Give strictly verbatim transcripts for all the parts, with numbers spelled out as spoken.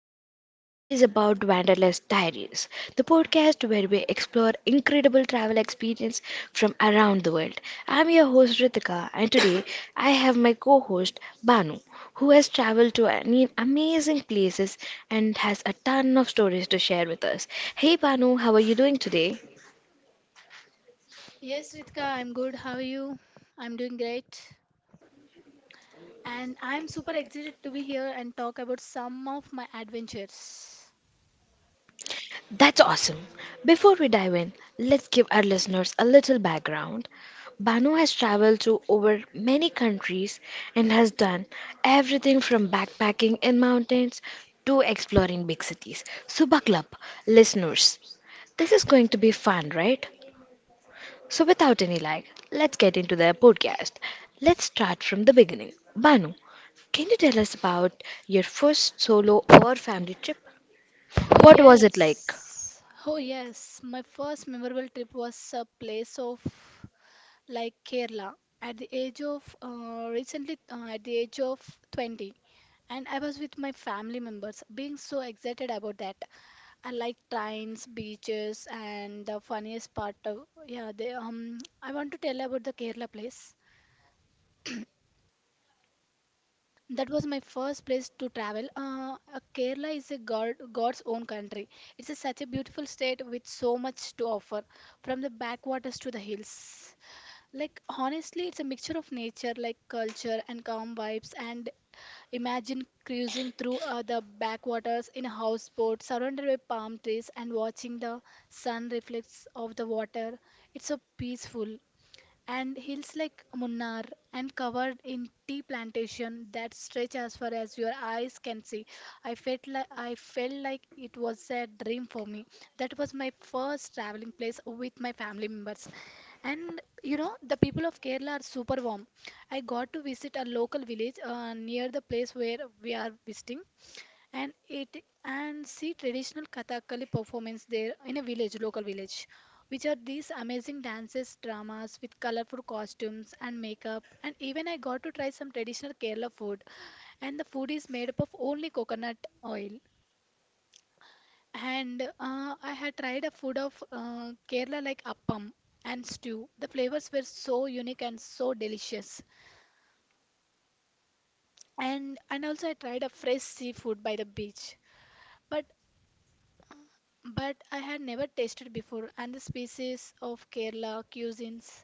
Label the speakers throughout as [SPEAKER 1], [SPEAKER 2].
[SPEAKER 1] podcast that is about Wanderlust Diaries, the podcast where we explore incredible travel experience from around the world. I'm your host Ritika and today I have my co-host Banu who has traveled to an amazing places and has a ton of stories to share with us. Hey Banu, how are you doing today?
[SPEAKER 2] Yes, Ritika, I'm good. How are you? I'm doing great. And I'm super excited to be here and talk about some of my adventures.
[SPEAKER 1] That's awesome. Before we dive in, let's give our listeners a little background. Banu has traveled to over many countries and has done everything from backpacking in mountains to exploring big cities. So, buckle up, listeners. This is going to be fun, right? So, without any lag, let's get into the podcast. Let's start from the beginning. Banu, can you tell us about your first solo or family trip?
[SPEAKER 2] Oh,
[SPEAKER 1] What was it like?
[SPEAKER 2] yes. Oh, yes. My first memorable trip was a place of like Kerala at the age of uh, recently uh, at the age of twenty, and I was with my family members being so excited about that. I like trains, beaches, and the funniest part of yeah they um I want to tell about the Kerala place. That was my first place to travel. Uh, uh, Kerala is a God, God's own country. It's a, such a beautiful state with so much to offer, from the backwaters to the hills. Like, honestly, it's a mixture of nature, like culture and calm vibes. And imagine cruising through uh, the backwaters in a houseboat surrounded by palm trees and watching the sun reflects off the water. It's so peaceful, and hills like Munnar and covered in tea plantation that stretch as far as your eyes can see. I felt like I felt like it was a dream for me. That was my first traveling place with my family members. And you know, the people of Kerala are super warm. I got to visit a local village uh, near the place where we are visiting, and it and see traditional Kathakali performance there in a village, local village, which are these amazing dances, dramas with colorful costumes and makeup. And even I got to try some traditional Kerala food, and the food is made up of only coconut oil. And uh, I had tried a food of uh, Kerala like appam and stew. The flavors were so unique and so delicious. And and also I tried a fresh seafood by the beach. But but I had never tasted before. And the species of Kerala cuisines,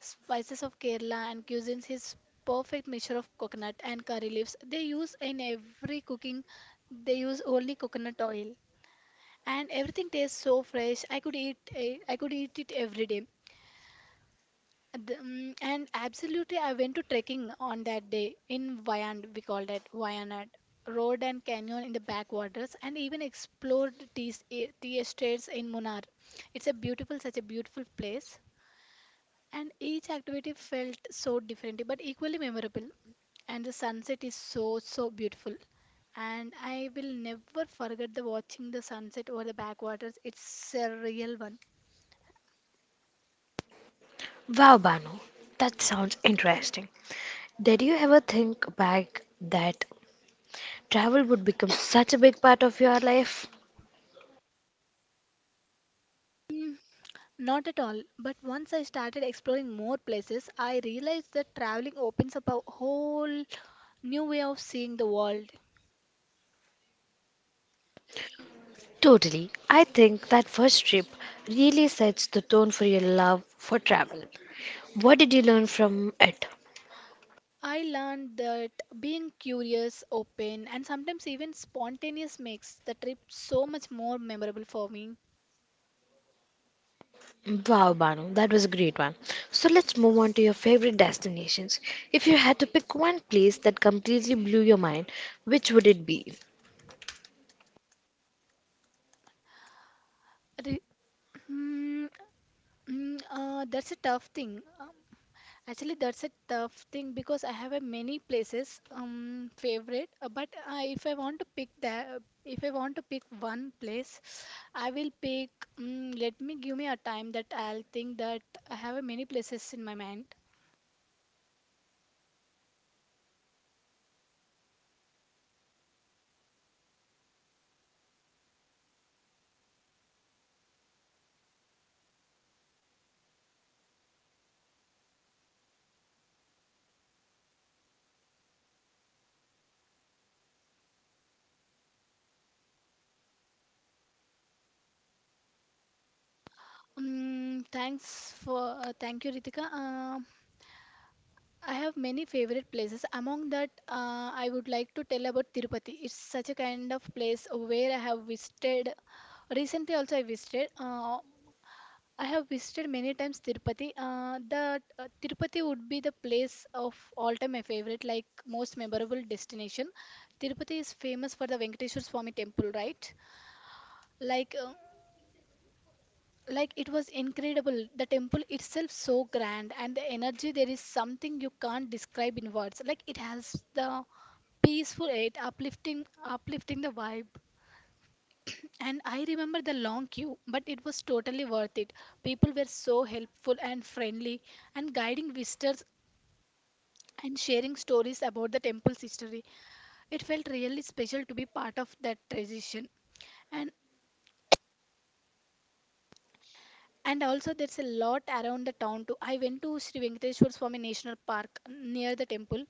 [SPEAKER 2] spices of Kerala and cuisines is perfect mixture of coconut and curry leaves. They use in every cooking, they use only coconut oil, and everything tastes so fresh. I could eat, eh, I could eat it every day. The- mm, and absolutely, I went to trekking on that day in Wayand, we called it Wayanad Road and Canyon in the backwaters, and even explored tea, s- e- tea estates in Munnar. It's a beautiful, such a beautiful place, and each activity felt so different but equally memorable. And the sunset is so, so beautiful. And I will never forget the watching the sunset over the backwaters. It's a real one.
[SPEAKER 1] Wow, Banu, that sounds interesting. Did you ever think back that travel would become such a big part of your life?
[SPEAKER 2] Not at all, but once I started exploring more places, I realized that traveling opens up a whole new way of seeing the world.
[SPEAKER 1] Totally. I think that first trip really sets the tone for your love for travel. What did you learn from it?
[SPEAKER 2] I learned that being curious, open, and sometimes even spontaneous makes the trip so much more memorable for me.
[SPEAKER 1] Wow, Banu, that was a great one. So let's move on to your favorite destinations. If you had to pick one place that completely blew your mind, which would it be?
[SPEAKER 2] Re- mm, mm, uh, That's a tough thing. Um, Actually, that's a tough thing because I have a many places um favorite, uh, but uh, if I want to pick that, if I want to pick one place, I will pick. Um, let me give me a time that I'll think that I have a many places in my mind. Um, thanks for uh, thank you, Ritika. Um I have many favorite places. Among that, uh, I would like to tell about Tirupati. It's such a kind of place where I have visited. Recently, also I visited. Uh, I have visited many times Tirupati. Uh, the uh, Tirupati would be the place of all-time my favorite, like most memorable destination. Tirupati is famous for the Venkateswar Swami temple, right? Like, uh, like it was incredible. The temple itself so grand, and the energy there is something you can't describe in words. Like it has the peaceful it uplifting, uplifting the vibe. And I remember the long queue, but it was totally worth it. People were so helpful and friendly, and guiding visitors and sharing stories about the temple's history. It felt really special to be part of that tradition. And And also, there's a lot around the town too. I went to Sri Venkateshwar Swami National Park near the temple,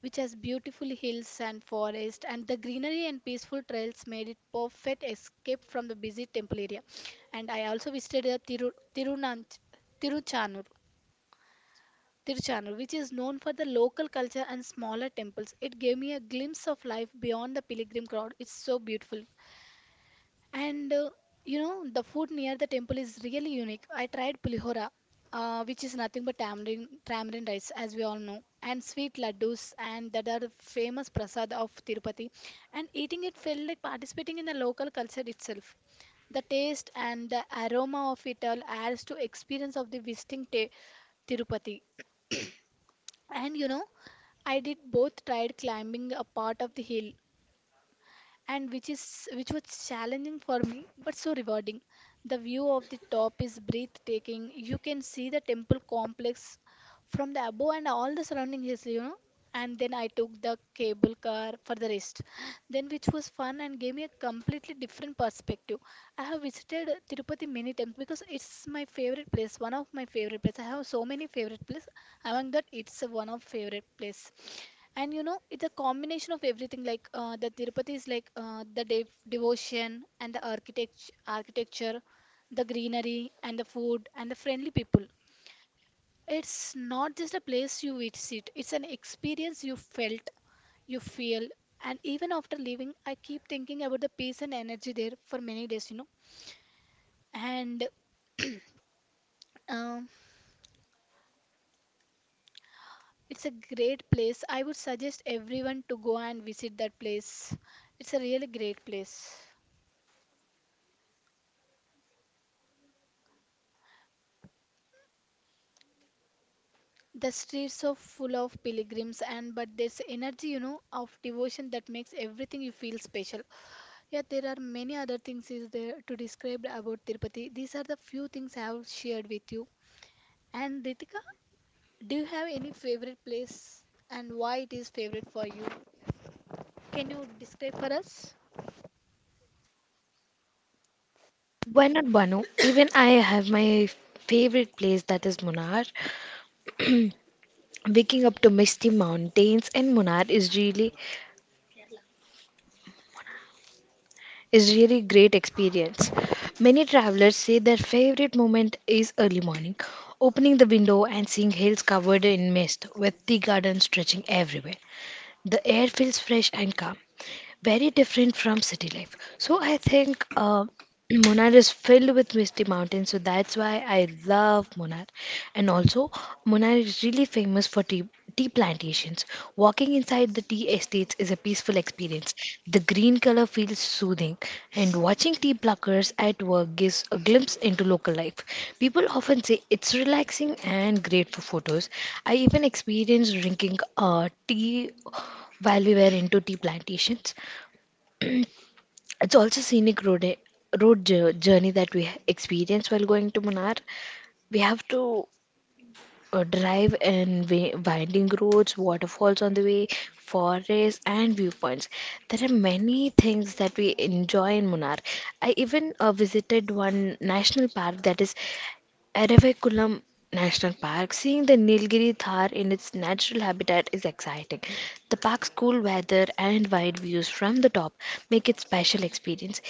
[SPEAKER 2] which has beautiful hills and forest, and the greenery and peaceful trails made it perfect escape from the busy temple area. And I also visited the Tiru, Tirunanch, Tiruchanur, Tiruchanur, which is known for the local culture and smaller temples. It gave me a glimpse of life beyond the pilgrim crowd. It's so beautiful. And uh, you know, the food near the temple is really unique. I tried pulihora, uh, which is nothing but tamarind, tamarind rice, as we all know, and sweet laddus, and that are famous prasad of Tirupati. And eating it felt like participating in the local culture itself. The taste and the aroma of it all adds to experience of the visiting ta- Tirupati. And you know, I did both tried climbing a part of the hill and which is which was challenging for me but so rewarding. The view of the top is breathtaking. You can see the temple complex from the above and all the surrounding hills, you know, and then I took the cable car for the rest. Then, which was fun and gave me a completely different perspective. I have visited Tirupati many times because it's my favorite place, one of my favorite place. I have so many favorite place. Among that, it's one of favorite place. And you know, it's a combination of everything. Like uh, the Tirupati is like uh, the dev devotion and the architect architecture, the greenery and the food and the friendly people. It's not just a place you visit, it's an experience you felt, you feel, and even after leaving, I keep thinking about the peace and energy there for many days, you know. And um, it's a great place. I would suggest everyone to go and visit that place. It's a really great place. The streets are full of pilgrims, and but there's energy, you know, of devotion that makes everything you feel special. Yeah, there are many other things is there to describe about Tirupati. These are the few things I have shared with you. And Ritika, do you have any favorite place and why it is favorite for you? Can you describe for us?
[SPEAKER 1] Why not Banu? Even I have my favorite place that is Munnar. Waking up to misty mountains in Munnar is really is really great experience. Many travelers say their favorite moment is early morning, opening the window and seeing hills covered in mist with tea gardens stretching everywhere. The air feels fresh and calm, very different from city life. So I think uh, Munnar is filled with misty mountains, so that's why I love Munnar. And also, Munnar is really famous for tea, tea plantations. Walking inside the tea estates is a peaceful experience. The green color feels soothing, and watching tea pluckers at work gives a glimpse into local life. People often say it's relaxing and great for photos. I even experienced drinking uh, tea while we were into tea plantations. It's also scenic road eh, road jour- journey that we experience while going to Munnar. We have to uh, drive in wi- winding roads, waterfalls on the way, forests, and viewpoints. There are many things that we enjoy in Munnar. I even uh, visited one national park that is Eravakulam National Park. Seeing the Nilgiri Thar in its natural habitat is exciting. The park's cool weather and wide views from the top make it special experience.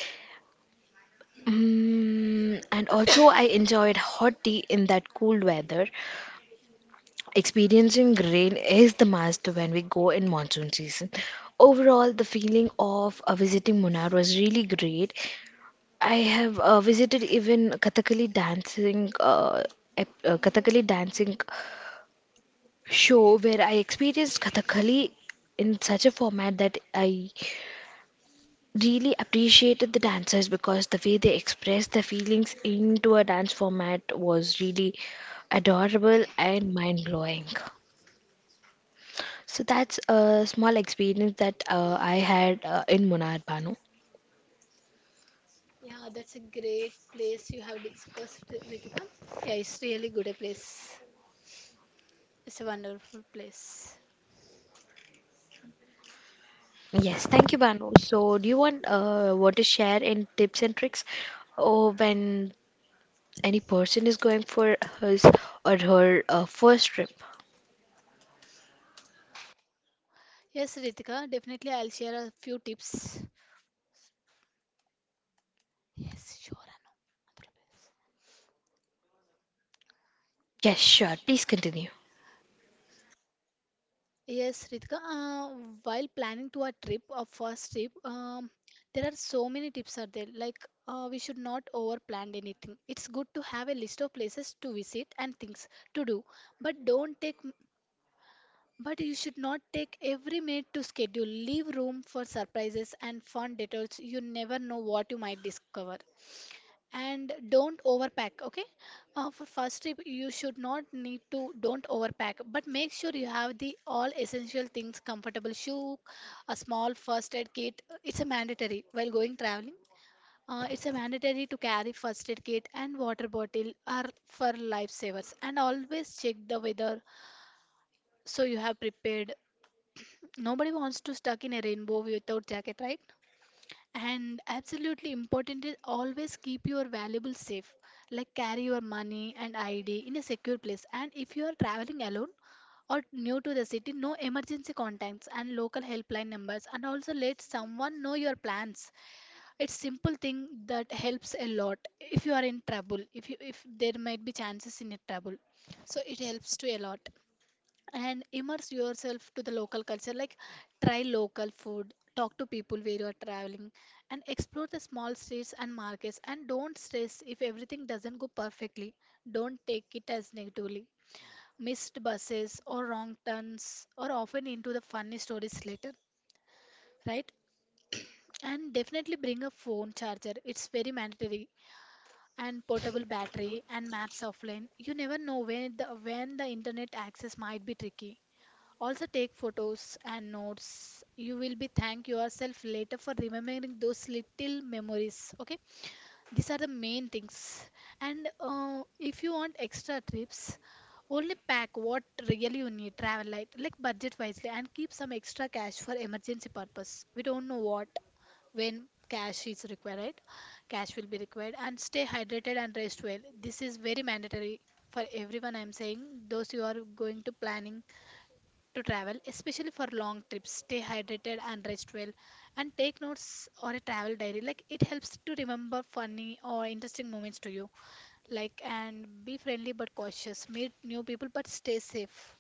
[SPEAKER 1] Mm, and also, I enjoyed hot tea in that cool weather. Experiencing rain is the must when we go in monsoon season. Overall, the feeling of uh, visiting Munnar was really great. I have uh, visited even Kathakali dancing, uh, ep- uh, Kathakali dancing show where I experienced Kathakali in such a format that I really appreciated the dancers because the way they expressed their feelings into a dance format was really adorable and mind blowing. So that's a small experience that uh, I had uh, in Munnar Banu.
[SPEAKER 2] Yeah, that's a great place you have discussed, Ritika. Yeah, it's really good a place. It's a wonderful place.
[SPEAKER 1] Yes, thank you, Banu. So, do you want uh, want to share any tips and tricks or when any person is going for his or her uh, first trip?
[SPEAKER 2] Yes, Ritika, definitely I'll share a few tips. Yes, sure. Anu.
[SPEAKER 1] Yes, sure. Please continue.
[SPEAKER 2] Yes, Ritika, uh, while planning to a trip, a first trip, um, there are so many tips are there. Like uh, we should not over plan anything. It's good to have a list of places to visit and things to do, but don't take. But you should not take every minute to schedule. Leave room for surprises and fun detours. You never know what you might discover, and don't overpack, okay? Uh, for first trip you should not need to don't overpack, but make sure you have the all essential things, comfortable shoe, a small first aid kit. It's a mandatory while going traveling. Uh, it's a mandatory to carry first aid kit, and water bottle are for lifesavers, and always check the weather so you have prepared. Nobody wants to stuck in a rainbow without jacket, right? And absolutely important is always keep your valuables safe, like carry your money and I D in a secure place. And if you are traveling alone or new to the city, no emergency contacts and local helpline numbers. And also let someone know your plans. It's simple thing that helps a lot if you are in trouble. If you if there might be chances in a trouble, so it helps to a lot. And immerse yourself to the local culture, like try local food, talk to people where you are traveling, and explore the small streets and markets, and don't stress if everything doesn't go perfectly. Don't take it as negatively. Missed buses or wrong turns are often into the funny stories later, right? And definitely bring a phone charger, it's very mandatory, and portable battery and maps offline. You never know when the when the internet access might be tricky. Also take photos and notes. You will be thank yourself later for remembering those little memories. Okay, these are the main things. And uh, if you want extra trips, only pack what really you need. Travel light, like budget wisely, and keep some extra cash for emergency purpose. We don't know what when cash is required, right? Cash will be required, and stay hydrated and rest well. This is very mandatory for everyone I'm saying, those you are going to planning to travel, especially for long trips. Stay hydrated and rest well, and take notes or a travel diary. Like it helps to remember funny or interesting moments to you. Like and be friendly but cautious. Meet new people but stay safe.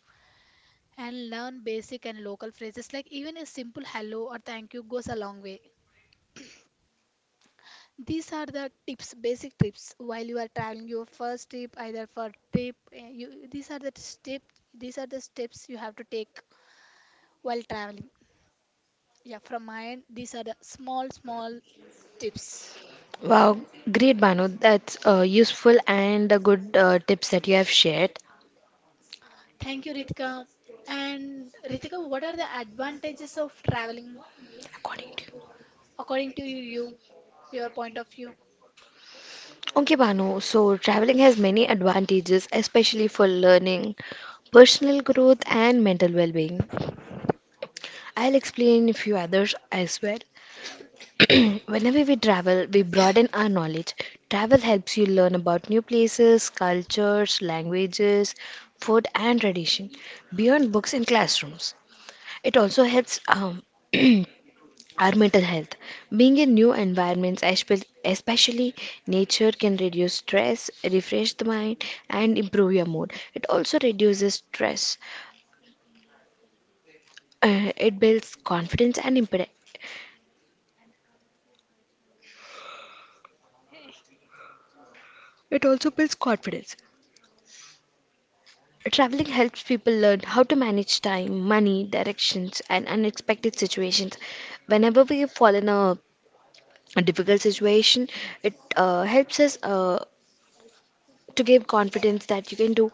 [SPEAKER 2] And learn basic and local phrases, like even a simple hello or thank you goes a long way. These are the tips, basic tips while you are traveling your first trip, either for trip. eh, You, these are the step, these are the steps you have to take while traveling. Yeah, from my end, these are the small, small tips.
[SPEAKER 1] Wow, great Banu. That's uh, useful and uh, good uh, tips that you have shared.
[SPEAKER 2] Thank you, Ritika. And Ritika, what are the advantages of traveling
[SPEAKER 1] According to you.
[SPEAKER 2] according to you, your point of view?
[SPEAKER 1] Okay, Banu. So traveling has many advantages, especially for learning, personal growth, and mental well-being. I'll explain a few others as well. Whenever we travel, we broaden our knowledge. Travel helps you learn about new places, cultures, languages, food, and tradition beyond books and classrooms. It also helps um, our mental health. Being in new environments, espe- especially nature, can reduce stress, refresh the mind, and improve your mood. It also reduces stress. Uh, it builds confidence and impede- It also builds confidence. Traveling helps people learn how to manage time, money, directions, and unexpected situations. Whenever we fall in a difficult situation, it uh, helps us. Uh, to give confidence that you can do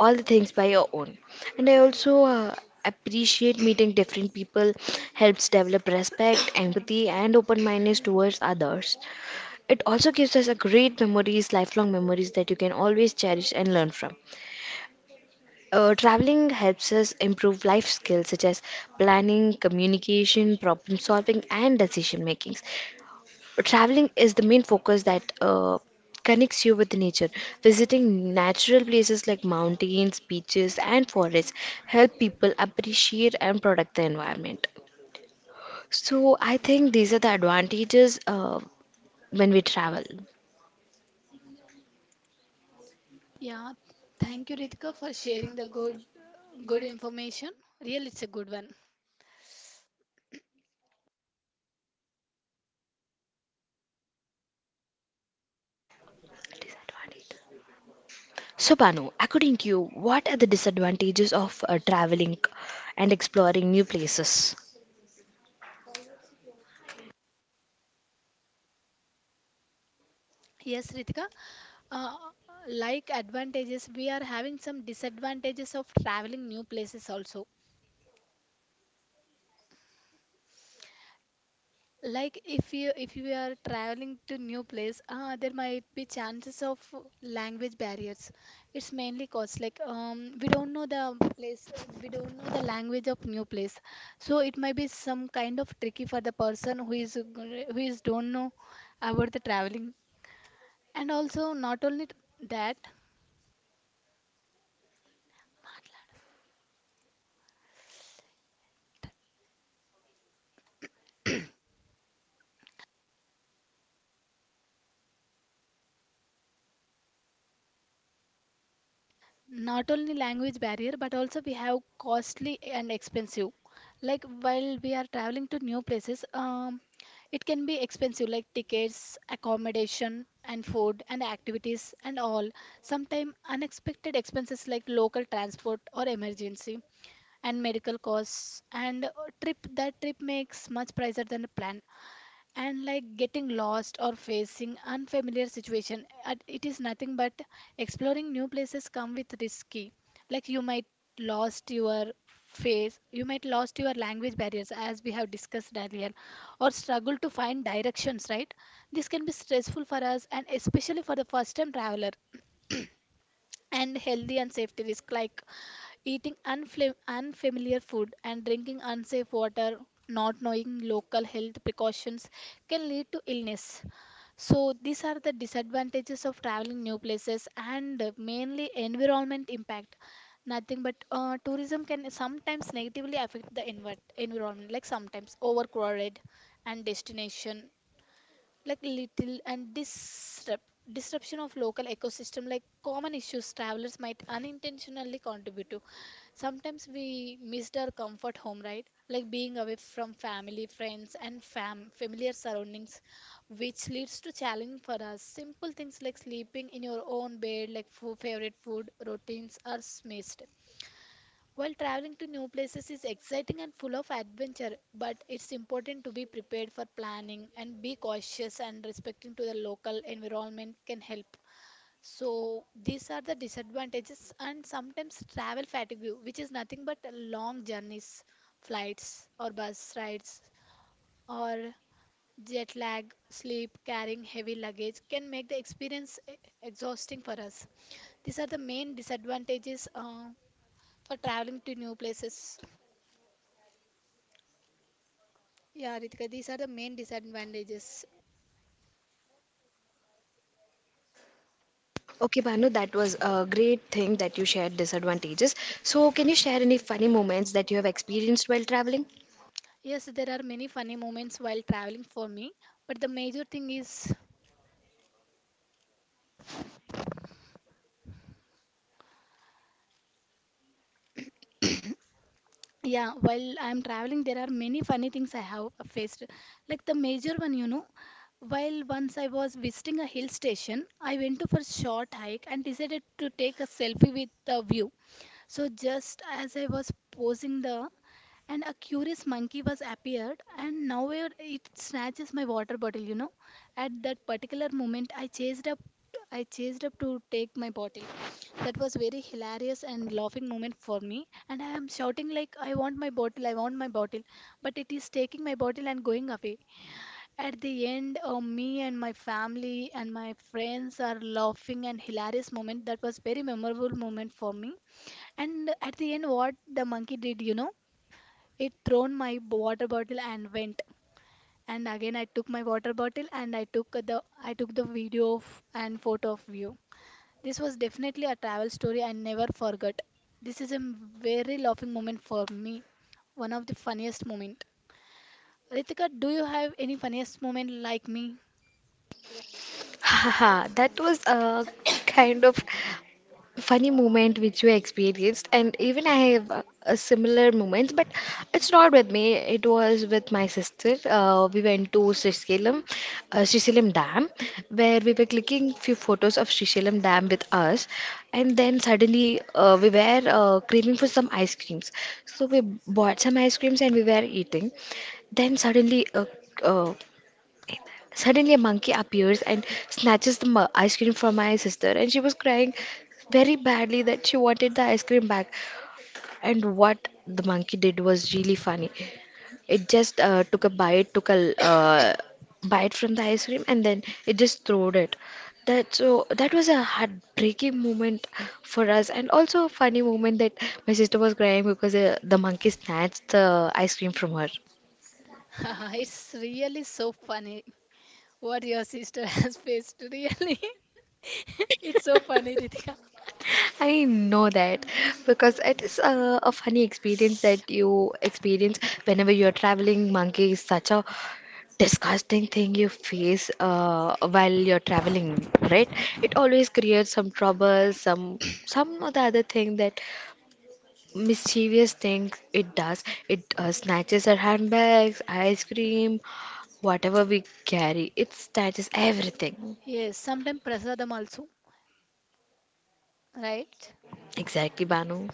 [SPEAKER 1] all the things by your own. And I also uh, appreciate meeting different people helps develop respect, empathy, and open mindedness towards others. It also gives us a great memories, lifelong memories that you can always cherish and learn from. Uh, traveling helps us improve life skills such as planning, communication, problem solving, and decision making. Traveling is the main focus that uh, connects you with nature. Visiting natural places like mountains, beaches, and forests help people appreciate and protect the environment. So I think these are the advantages uh, when we travel.
[SPEAKER 2] Yeah, thank you, Ritika, for sharing the good, good information. Really, it's a good one.
[SPEAKER 1] Disadvantages. So Banu, according to you, what are the disadvantages of uh, traveling and exploring new places?
[SPEAKER 2] Yes, Ritika. Uh, like advantages, we are having some disadvantages of traveling new places also. Like if you if you are traveling to new place, ah there might be chances of language barriers. It's mainly cause like um, we don't know the place, we don't know the language of new place, so it might be some kind of tricky for the person who is g- who is don't know about the traveling. And also not only that, not only language barrier but also we have costly and expensive, like while we are traveling to new places, um, it can be expensive like tickets, accommodation and food and activities and all. Sometimes unexpected expenses like local transport or emergency and medical costs, and uh, trip that trip makes much pricier than a plan. And like getting lost or facing unfamiliar situation at- it is nothing but exploring new places come with risky, like you might lost your face, you might lost your language barriers as we have discussed earlier, or struggle to find directions, right? This can be stressful for us, and especially for the first time traveler. And healthy and safety risk, like eating unfla- unfamiliar food and drinking unsafe water, not knowing local health precautions can lead to illness. So these are the disadvantages of traveling new places. And uh, mainly environment impact, nothing but uh, tourism can sometimes negatively affect the envi- environment, like sometimes overcrowded and destination, like little, and disrupt disruption of local ecosystem, like common issues travelers might unintentionally contribute to. Sometimes we missed our comfort home, right? Like being away from family, friends and fam familiar surroundings, which leads to challenge for us. Simple things like sleeping in your own bed, like fo- favorite food routines are missed. While traveling to new places is exciting and full of adventure, but it's important to be prepared for planning and be cautious, and respecting to the local environment can help. So these are the disadvantages. And sometimes travel fatigue, which is nothing but long journeys, flights or bus rides, or jet lag, sleep, carrying heavy luggage can make the experience e- exhausting for us. These are the main disadvantages uh, for traveling to new places. Yeah, Ritika, these are the main disadvantages.
[SPEAKER 1] Okay, Bhanu, that was a great thing that you shared disadvantages. So, can you share any funny moments that you have experienced while traveling?
[SPEAKER 2] Yes, there are many funny moments while traveling for me, but the major thing is, yeah, while I'm traveling, there are many funny things I have faced. Like the major one, you know, while once I was visiting a hill station, I went to for short hike and decided to take a selfie with the view. So just as I was posing the, and a curious monkey was appeared and now it it snatches my water bottle, you know. At that particular moment, I chased up. I chased up to take my bottle. That was very hilarious and laughing moment for me. And I am shouting like, "I want my bottle! I want my bottle!" But it is taking my bottle and going away. At the end, uh, me and my family and my friends are laughing and hilarious moment. That was very memorable moment for me. And at the end, what the monkey did, you know, it thrown my water bottle and went. And again, I took my water bottle, and I took the I took the video of, and photo of you. This was definitely a travel story I never forgot. This is a very laughing moment for me, one of the funniest moment. Ritika, do you have any funniest moment like me?
[SPEAKER 1] Haha, that was a kind of funny moment which you experienced and even I have uh, a similar moments but it's not with me, it was with my sister. Uh, we went to Srisailam uh, Srisailam dam where we were clicking few photos of Srisailam dam with us and then suddenly uh, we were uh, craving for some ice creams so we bought some ice creams and we were eating then suddenly a, Suddenly, a monkey appears and snatches the mu- ice cream from my sister, and she was crying very badly that she wanted the ice cream back. And what the monkey did was really funny. It just uh, took a bite, took a uh, bite from the ice cream, and then it just threw it. That so that was a heartbreaking moment for us, and also a funny moment that my sister was crying because uh, the monkey snatched the ice cream from her.
[SPEAKER 2] It's really so funny what your sister has faced. Really, it's so funny, Ritika.
[SPEAKER 1] I know that because it is a, a funny experience that you experience whenever you're traveling. Monkey is such a disgusting thing you face uh, while you're traveling, right? It always creates some trouble, some some of the other thing that mischievous thing it does. It uh, snatches our handbags, ice cream, whatever we carry. It snatches everything.
[SPEAKER 2] Yes, sometimes prasadam also, right?
[SPEAKER 1] Exactly, Banu.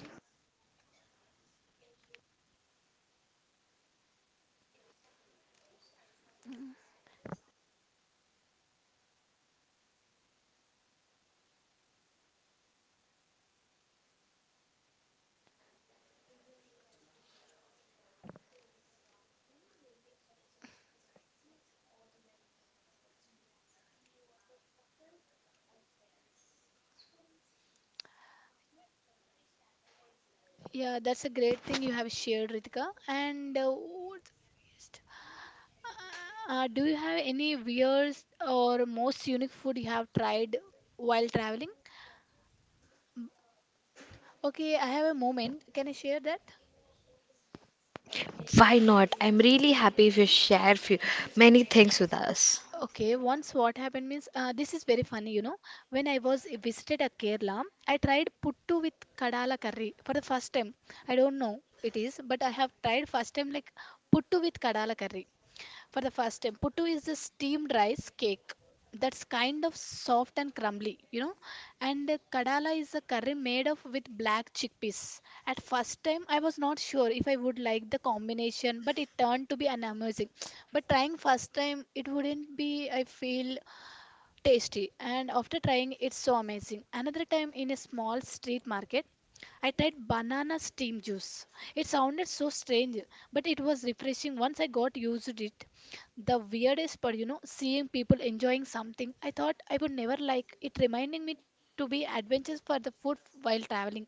[SPEAKER 2] Yeah, that's a great thing you have shared, Ritika. And uh, what? Uh, do you have any weird or most unique food you have tried while traveling? Mm, okay, I have a moment. Can I share that?
[SPEAKER 1] Why not? I'm really happy if you share few, many things with us.
[SPEAKER 2] Okay, once what happened means uh, this is very funny, you know. When I was visited at Kerala, I tried puttu with kadala curry for the first time. I don't know it is, but I have tried first time like puttu with kadala curry for the first time. Puttu is a steamed rice cake that's kind of soft and crumbly, you know. And uh, kadala is a curry made of with black chickpeas. At first time, I was not sure if I would like the combination, but it turned to be an amazing. But trying first time, it wouldn't be. I feel tasty, and after trying it's so amazing. Another time in a small street market, I tried banana steam juice. It sounded so strange, but it was refreshing once I got used to it. The weirdest part, you know, seeing people enjoying something I thought I would never like, it reminding me to be adventurous for the food while traveling.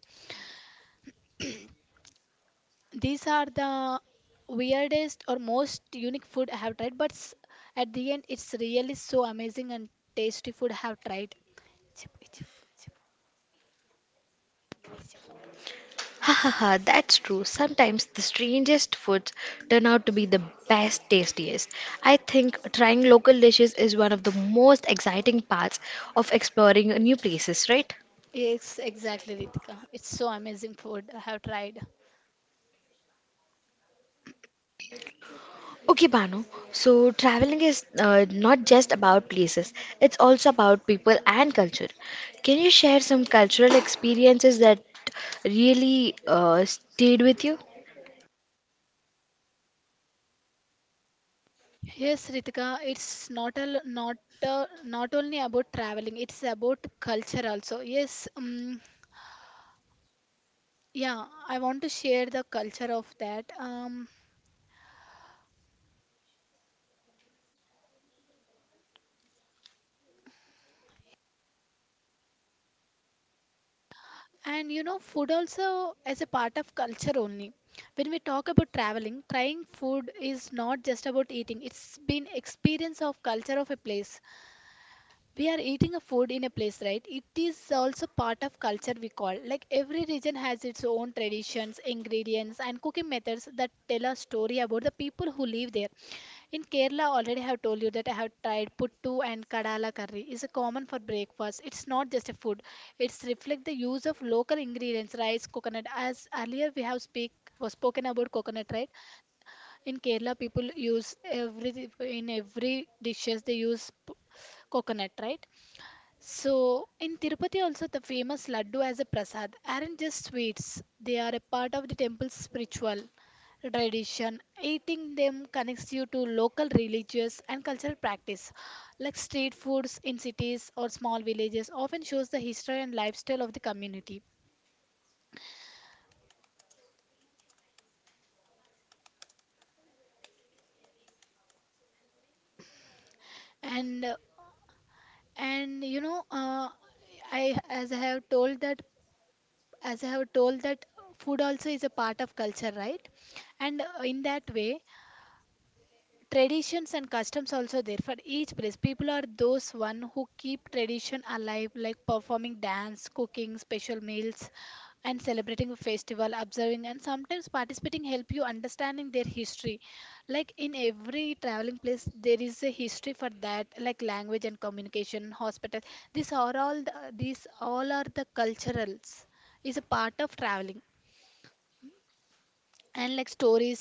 [SPEAKER 2] These are the weirdest or most unique food I have tried, but s- at the end, it's really so amazing and tasty food I have tried. Chip, chip, chip, chip.
[SPEAKER 1] Ha ha ha, that's true. Sometimes the strangest foods turn out to be the best, tastiest. I think trying local dishes is one of the most exciting parts of exploring new places, right?
[SPEAKER 2] Yes, exactly, Ritika. It's so amazing food I have tried.
[SPEAKER 1] Okay, Banu. So traveling is uh, not just about places, it's also about people and culture. Can you share some cultural experiences that really uh, stayed with you?
[SPEAKER 2] Yes, Ritika, it's not a, not uh, not only about traveling, it's about culture also. Yes, um, yeah, I want to share the culture of that. Um, And you know, food also as a part of culture only. When we talk about traveling, trying food is not just about eating. It's been experience of culture of a place. We are eating a food in a place, right? It is also part of culture, we call. Like every region has its own traditions, ingredients and cooking methods that tell a story about the people who live there. In Kerala, already I have told you that I have tried puttu and kadala curry is a common for breakfast. It's not just a food, it's reflect the use of local ingredients, rice, coconut, as earlier we have speak was spoken about coconut, right? In Kerala people use every, in every dishes they use p- coconut, right? So, in Tirupati, also the famous laddu as a prasad aren't just sweets, they are a part of the temple's spiritual tradition. Eating them connects you to local religious and cultural practice, like street foods in cities or small villages, often shows the history and lifestyle of the community. And uh, and you know, uh, I as I have told that as I have told that food also is a part of culture, right? And uh, in that way, traditions and customs also there for each place. People are those one who keep tradition alive, like performing dance, cooking special meals and celebrating a festival. Observing and sometimes participating help you understanding their history. Like in every traveling place there is a history for that, like language and communication, hospital. These are all the, these all are the culturals is a part of traveling. And like stories,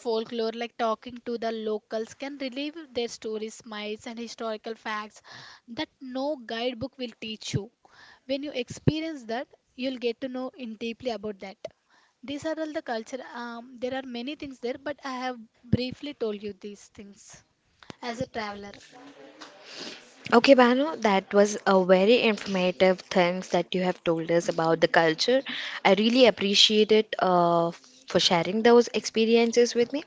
[SPEAKER 2] folklore, like talking to the locals can relieve their stories, myths and historical facts that no guidebook will teach you. When you experience that, you'll get to know in deeply about that. These are all the culture. Um, there are many things there, but I have briefly told you these things as a traveler
[SPEAKER 1] Okay, Banu, that was a very informative things that you have told us about the culture. I really appreciate it uh, for sharing those experiences with me.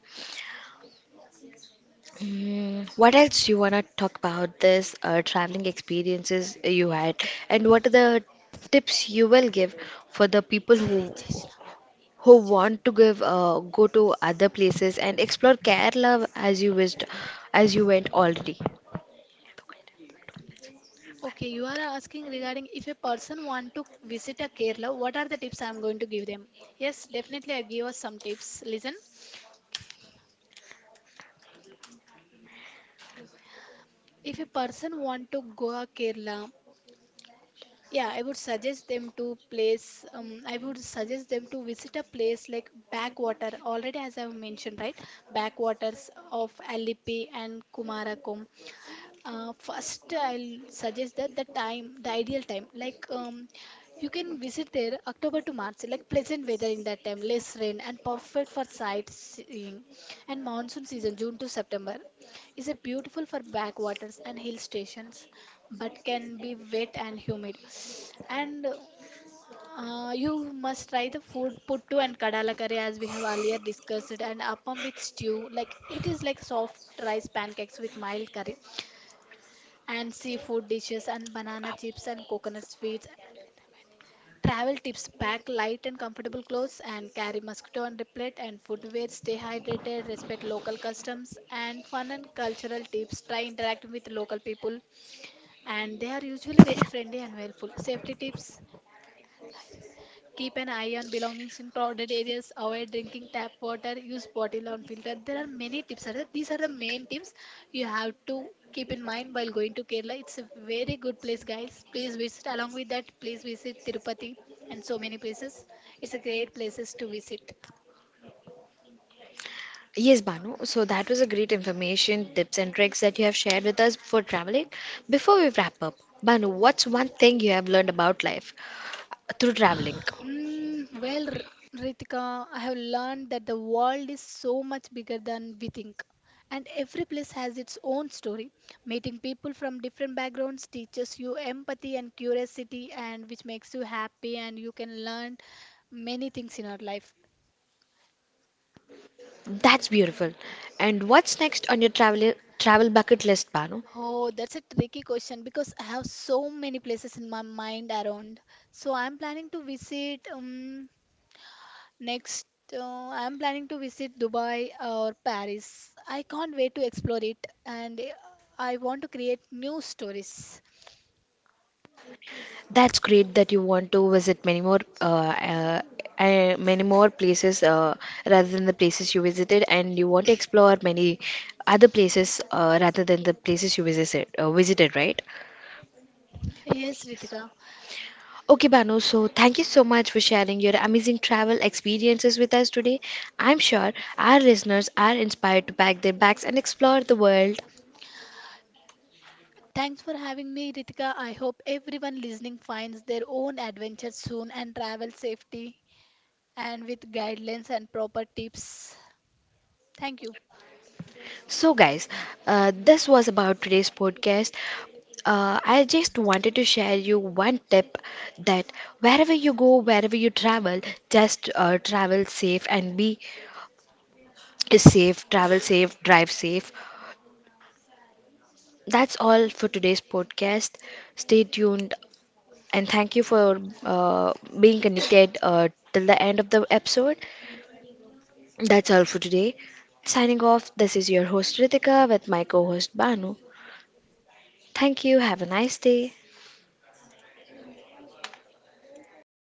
[SPEAKER 1] Mm, what else you wanna talk about this uh, traveling experiences you had, and what are the tips you will give for the people
[SPEAKER 2] already,
[SPEAKER 1] who
[SPEAKER 2] Cheshna.
[SPEAKER 1] who want to give uh, go to other places and explore Kerala as you wished, as you went already?
[SPEAKER 2] Okay, you are asking regarding if a person want to visit a Kerala, what are the tips I am going to give them. Yes, definitely I give us some tips, listen. If a person want to go a Kerala, yeah, I would suggest them to place. Um, I would suggest them to visit a place like backwater. Already, as I have mentioned, right, backwaters of Alipi and Kumarakom. Uh, first, I'll suggest that the time, the ideal time, like um, you can visit there October to March, like pleasant weather in that time, less rain, and perfect for sightseeing. And monsoon season, June to September, is a beautiful for backwaters and hill stations, but can be wet and humid. And uh, you must try the food, puttu and kadala curry as we have earlier discussed, and appam with stew. Like it is like soft rice pancakes with mild curry and seafood dishes and banana chips and coconut sweets. Travel tips, pack light and comfortable clothes and carry mosquito and repellent and footwear. Stay hydrated, respect local customs and fun and cultural tips. Try interacting with local people and they are usually very friendly and helpful. Safety tips, keep an eye on belongings in crowded areas. Avoid drinking tap water. Use bottle on filter. There are many tips. Are there? These are the main tips you have to keep in mind while going to Kerala. It's a very good place, guys. Please visit. Along with that, please visit Tirupati and so many places. It's a great places to visit.
[SPEAKER 1] Yes, Banu. So that was a great information, tips and tricks that you have shared with us for traveling. Before we wrap up, Banu, what's one thing you have learned about life through traveling?
[SPEAKER 2] Hmm, well, R- Ritika, I have learned that the world is so much bigger than we think. And every place has its own story. Meeting people from different backgrounds teaches you empathy and curiosity, and which makes you happy, and you can learn many things in your life.
[SPEAKER 1] That's beautiful. And what's next on your travel travel bucket list, Banu?
[SPEAKER 2] Oh, that's a tricky question because I have so many places in my mind around. So I'm planning to visit. Um, Next, uh, I'm planning to visit Dubai or Paris. I can't wait to explore it, and uh, I want to create new stories.
[SPEAKER 1] That's great that you want to visit many more uh, uh, uh, many more places uh, rather than the places you visited, and you want to explore many other places uh, rather than the places you visited uh, visited, right?
[SPEAKER 2] Yes, Ritika.
[SPEAKER 1] Okay, Banu, so thank you so much for sharing your amazing travel experiences with us today. I'm sure our listeners are inspired to pack their bags and explore the world.
[SPEAKER 2] Thanks for having me, Ritika. I hope everyone listening finds their own adventure soon and travel safety and with guidelines and proper tips. Thank you.
[SPEAKER 1] So, guys, uh, this was about today's podcast. Uh, I just wanted to share you one tip that wherever you go, wherever you travel, just uh, travel safe and be safe, travel safe, drive safe. That's all for today's podcast. Stay tuned. And thank you for uh, being connected uh, till the end of the episode. That's all for today. Signing off, this is your host Ritika with my co host Banu. Thank you. Have a nice day.